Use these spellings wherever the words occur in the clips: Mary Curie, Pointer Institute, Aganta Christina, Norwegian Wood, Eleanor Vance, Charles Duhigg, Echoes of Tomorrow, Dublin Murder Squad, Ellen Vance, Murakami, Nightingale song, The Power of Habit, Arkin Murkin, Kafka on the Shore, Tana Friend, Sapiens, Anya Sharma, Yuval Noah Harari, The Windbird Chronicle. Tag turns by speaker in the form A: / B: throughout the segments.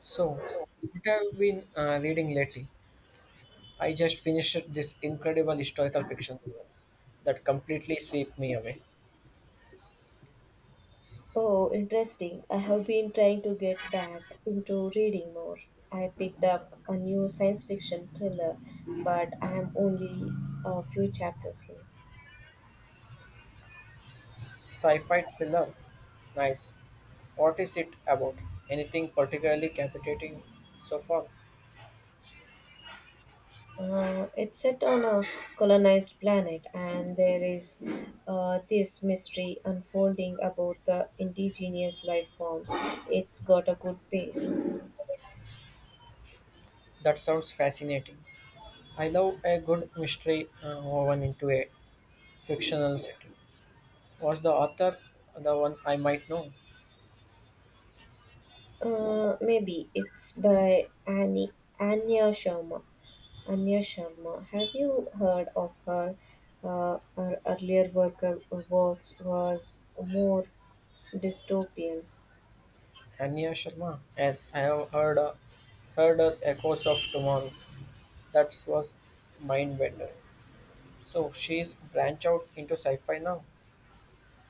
A: So, what have you been reading lately? I just finished this incredible historical fiction novel that completely swept me away.
B: Oh, interesting. I have been trying to get back into reading more. I picked up a new science fiction thriller, but I am only a few chapters in.
A: Sci-fi thriller. Nice. What is it about? Anything particularly captivating so far?
B: It's set on a colonized planet, and there is this mystery unfolding about the indigenous life forms. It's got a good pace.
A: That sounds fascinating. I love a good mystery woven into a fictional setting. Was the author the one I might know?
B: Maybe it's by Annie Anya Sharma. Anya Sharma. Have you heard of her? Her earlier worker works was more dystopian.
A: Anya Sharma. Yes, I have heard her Echoes of Tomorrow. That was mind bender. So she's branched out into sci-fi now.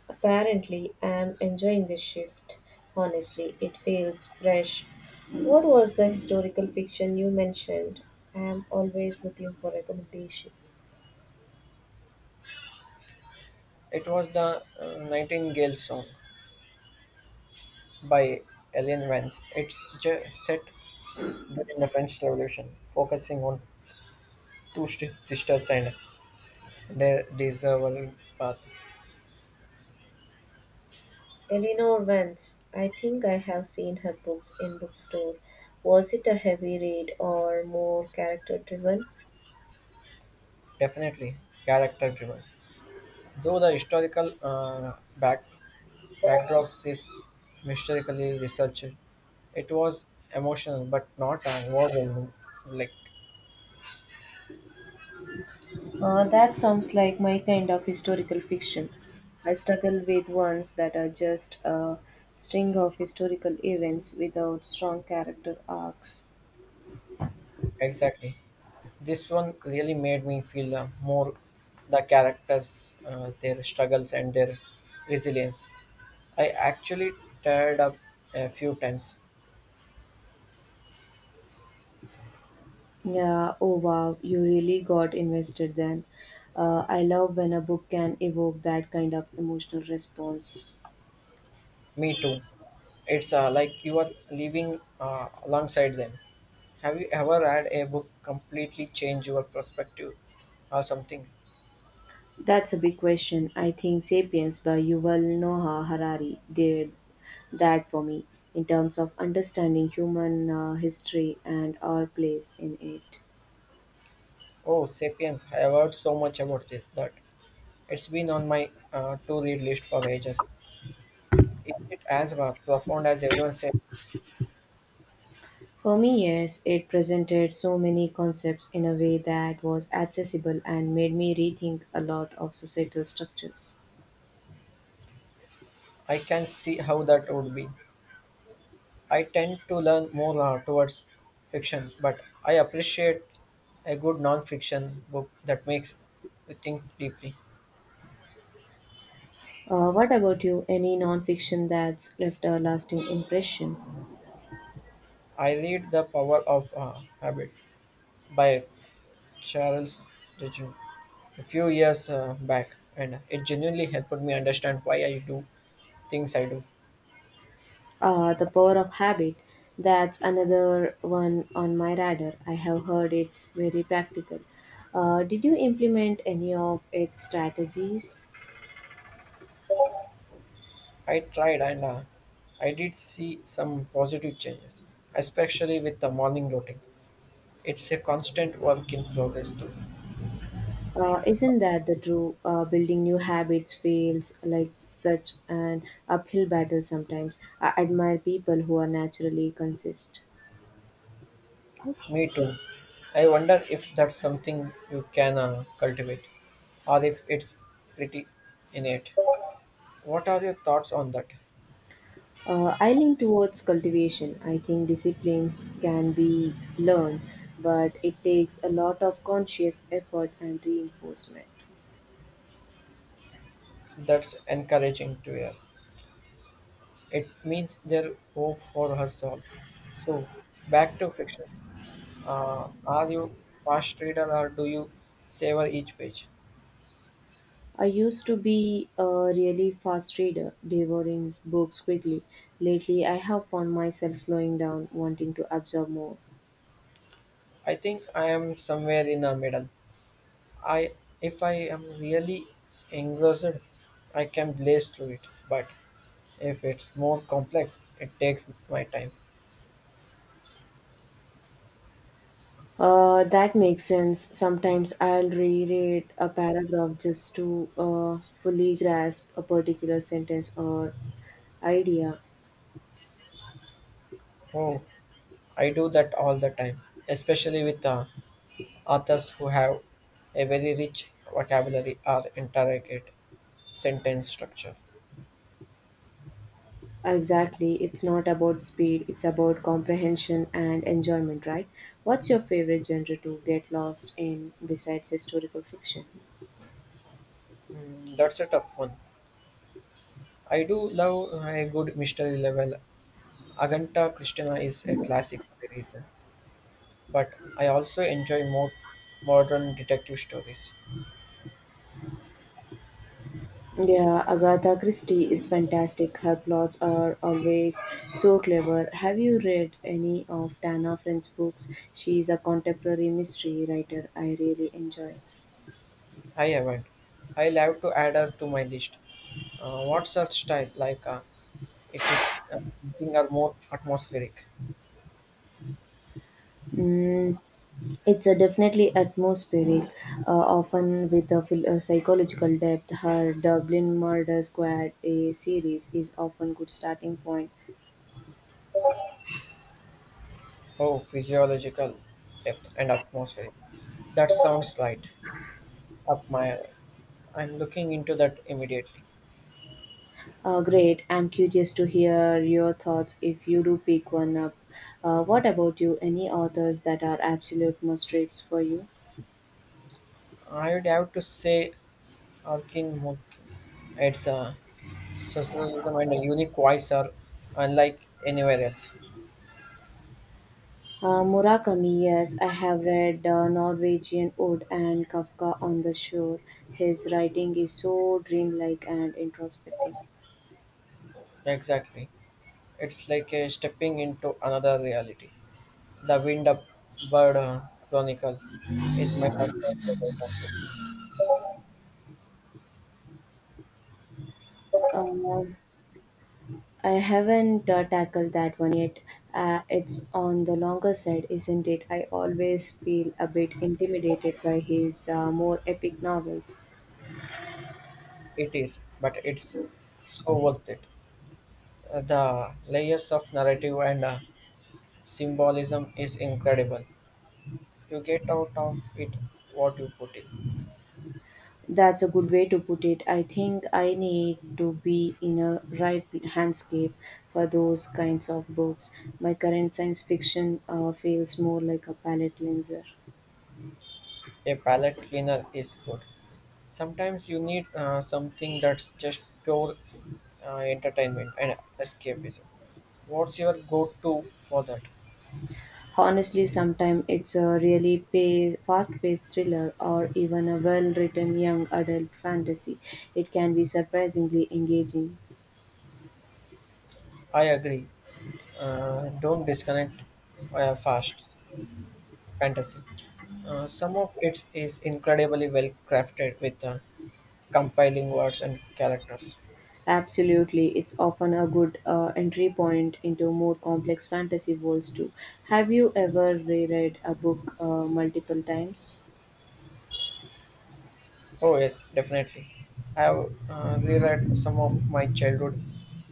B: Apparently, I'm enjoying this shift. Honestly, it feels fresh. What was the historical fiction you mentioned? I'm always looking for recommendations.
A: It was the Nightingale song by Ellen Vance. It's set during the French Revolution, focusing on sisters and their discernible path.
B: Eleanor Vance. I think I have seen her books in bookstore. Was it a heavy read or more character driven?
A: Definitely character-driven, though the historical backdrops is mysteriously researched. It was emotional, but not overwhelming. Like
B: That sounds like my kind of historical fiction. I struggle with ones that are just a string of historical events without strong character arcs.
A: exactly. This one really made me feel more the characters, their struggles, and their resilience. I actually teared up a few times.
B: Yeah, oh wow, you really got invested then. I love when a book can evoke that kind of emotional response.
A: Me too. It's like you are living alongside them. Have you ever had a book completely change your perspective or something?
B: That's a big question. I think Sapiens by Yuval Noah Harari did that for me in terms of understanding human history and our place in it.
A: Oh, Sapiens, I have heard so much about this, but it's been on my to read list for ages. Is it as profound as everyone said?
B: For me, yes, it presented so many concepts in a way that was accessible and made me rethink a lot of societal structures.
A: I can see how that would be. I tend to learn more towards fiction, but I appreciate a good non-fiction book that makes you think deeply.
B: What about you? Any non fiction that's left a lasting impression?
A: I read The Power of Habit by Charles Duhigg a few years back, and it genuinely helped me understand why I do things I do.
B: The power of habit. That's another one on my radar. I have heard it's very practical. Did you implement any of its strategies?
A: I tried, and I did see some positive changes, especially with the morning routine. It's a constant work in progress, though.
B: Isn't that the true building new habits feels like such an uphill battle sometimes? I admire people who are naturally consistent.
A: Me too. I wonder if that's something you can cultivate or if it's pretty innate. What are your thoughts on that?
B: I lean towards cultivation. I think disciplines can be learned, but it takes a lot of conscious effort and reinforcement.
A: That's encouraging to hear. It means there hope for us all. So, back to fiction. Are you fast reader or do you savor each page?
B: I used to be a really fast reader, devouring books quickly. Lately, I have found myself slowing down, wanting to absorb more.
A: I think I am somewhere in the middle. I if I am really engrossed, I can blaze through it. But if it's more complex, it takes my time.
B: That makes sense. Sometimes I'll reread a paragraph just to fully grasp a particular sentence or idea.
A: Oh, I do that all the time, especially with authors who have a very rich vocabulary or intricate sentence structure.
B: Exactly, it's not about speed, it's about comprehension and enjoyment, right? What's your favorite genre to get lost in besides historical fiction?
A: Mm, that's a tough one. I do love a good mystery level. Aganta Christina is a classic for a reason, but I also enjoy more modern detective stories.
B: Yeah, Agatha Christie is fantastic. Her plots are always so clever. Have you read any of Tana Friend's books? She is a contemporary mystery writer I really enjoy.
A: I haven't. I'll have to add her to my list. What's her style like? It is something or more atmospheric.
B: It's a definitely atmospheric, often with a psychological depth. Her Dublin Murder Squad a series is often good starting point.
A: Oh, physiological depth and atmospheric. That sounds right up my alley. I'm looking into that immediately.
B: Great. I'm curious to hear your thoughts if you do pick one up. What about you? Any authors that are absolute must reads for you?
A: I'd have to say Arkin Murkin. It's a socialism and a unique voice are unlike anywhere else.
B: Murakami, yes, I have read Norwegian Wood and Kafka on the Shore. His writing is so dreamlike and introspective.
A: Exactly. It's like a stepping into another reality. The Windbird Chronicle is my personal favorite of it.
B: Um, I haven't tackled that one yet. It's on the longer side, isn't it? I always feel a bit intimidated by his more epic novels.
A: It is, but it's so worth it. The layers of narrative and symbolism is incredible. You get out of it what you put in.
B: That's a good way to put it. I think I need to be in a right handscape for those kinds of books. My current science fiction feels more like a palate cleanser.
A: A palette cleaner is good. Sometimes you need something that's just pure entertainment and escapism. What's your go to for that?
B: Honestly, sometimes it's a fast-paced thriller or even a well-written young adult fantasy. It can be surprisingly engaging.
A: I agree. Don't disconnect fast. Fantasy. Some of it is incredibly well crafted with compiling words and characters.
B: Absolutely, it's often a good entry point into more complex fantasy worlds too. Have you ever reread a book multiple times?
A: Oh, yes, definitely. I have reread some of my childhood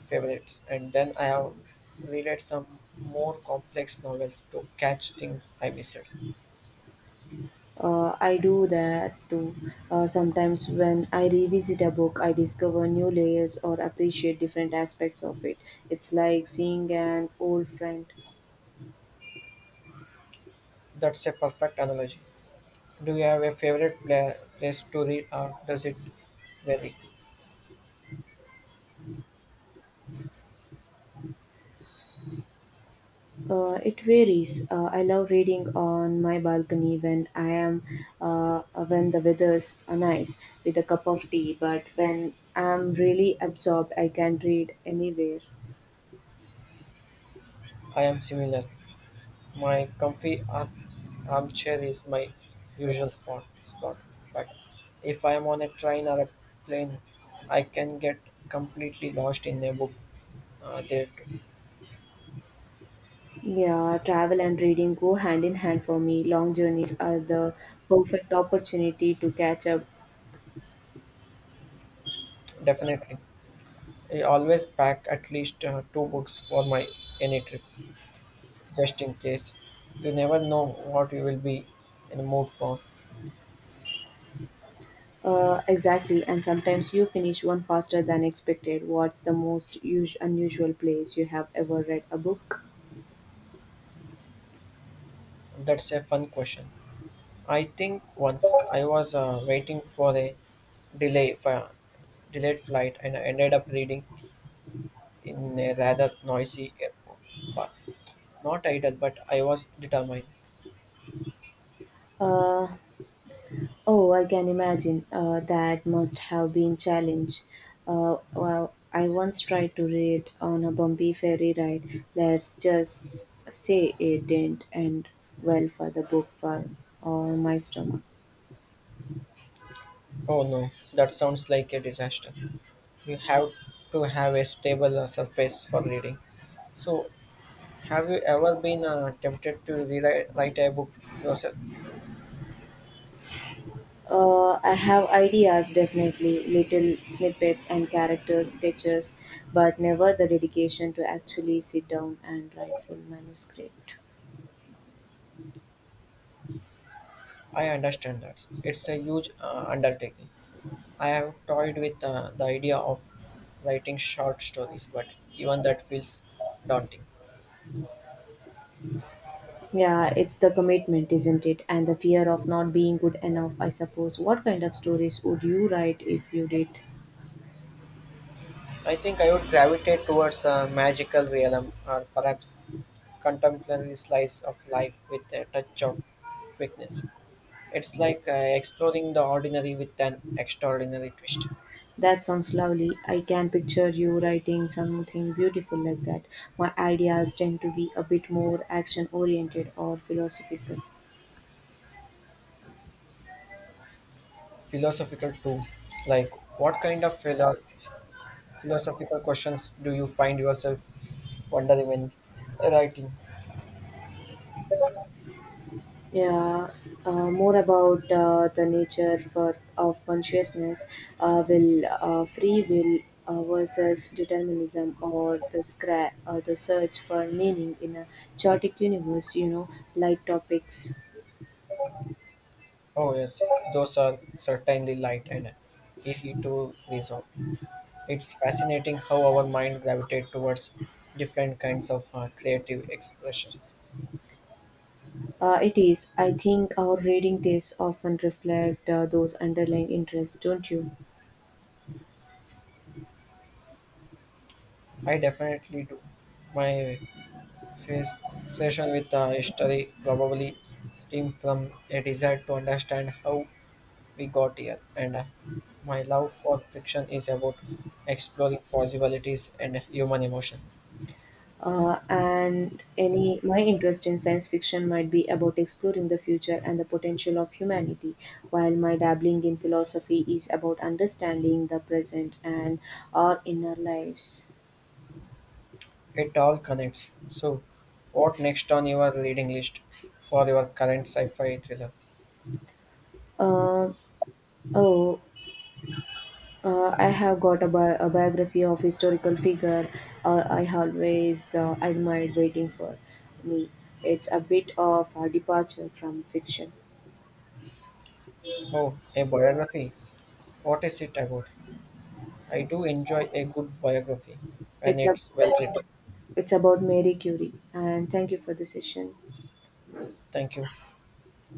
A: favorites, and then I have reread some more complex novels to catch things I missed.
B: I do that too. Sometimes when I revisit a book, I discover new layers or appreciate different aspects of it. It's like seeing an old friend.
A: That's a perfect analogy. Do you have a favorite place to read, or does it vary?
B: It varies. I love reading on my balcony when I am uh, when the weather's nice with a cup of tea. But when I'm really absorbed, I can read anywhere.
A: I am similar. My comfy armchair is my usual spot, but if I am on a train or a plane, I can get completely lost in a book. There, too.
B: Yeah, travel and reading go hand in hand for me. Long journeys are the perfect opportunity to catch up.
A: Definitely. I always pack at least two books for my any trip, just in case. You never know what you will be in the mood for.
B: Exactly, and sometimes you finish one faster than expected. What's the most unusual place you have ever read a book?
A: That's a fun question. I think once I was waiting for a delay, for delayed flight, and I ended up reading in a rather noisy airport. But not idle, but I was determined.
B: Uh, Oh, I can imagine. That must have been challenge. Well, I once tried to read on a bumpy ferry ride. Let's just say it didn't end well for the book for or my stomach.
A: Oh no, that sounds like a disaster. You have to have a stable surface for reading. So, have you ever been tempted to rewrite write a book yourself?
B: I have ideas definitely, little snippets and character sketches, but never the dedication to actually sit down and write full manuscript.
A: I understand that. It's a huge undertaking. I have toyed with the idea of writing short stories, but even that feels daunting.
B: Yeah, it's the commitment, isn't it? And the fear of not being good enough, I suppose. What kind of stories would you write if you did?
A: I think I would gravitate towards a magical realm or perhaps contemporary slice of life with a touch of quickness. It's like exploring the ordinary with an extraordinary twist.
B: That sounds lovely. I can picture you writing something beautiful like that. My ideas tend to be a bit more action oriented or philosophical.
A: Philosophical too, like what kind of philosophical questions do you find yourself wondering when writing?
B: Yeah, more about the nature for of consciousness, will free will versus determinism, or the search for meaning in a chaotic universe. You know, light topics.
A: Oh yes, those are certainly light and easy to resolve. It's fascinating how our mind gravitates towards different kinds of creative expressions.
B: It is. I think our reading tastes often reflect those underlying interests, don't you?
A: I definitely do. My Fascination with history probably stemmed from a desire to understand how we got here, and my love for fiction is about exploring possibilities and human emotion.
B: And any my interest in science fiction might be about exploring the future and the potential of humanity while my dabbling in philosophy is about understanding the present and our inner lives.
A: It all connects. So, what next on your reading list for your current sci fi thriller?
B: uh, oh I have got a biography of historical figure I always admired waiting for me. It's a bit of a departure from fiction.
A: Oh, a biography. What is it about? I do enjoy a good biography when
B: It's a
A: it's well written.
B: it's about Mary Curie. And thank you for the session.
A: Thank you.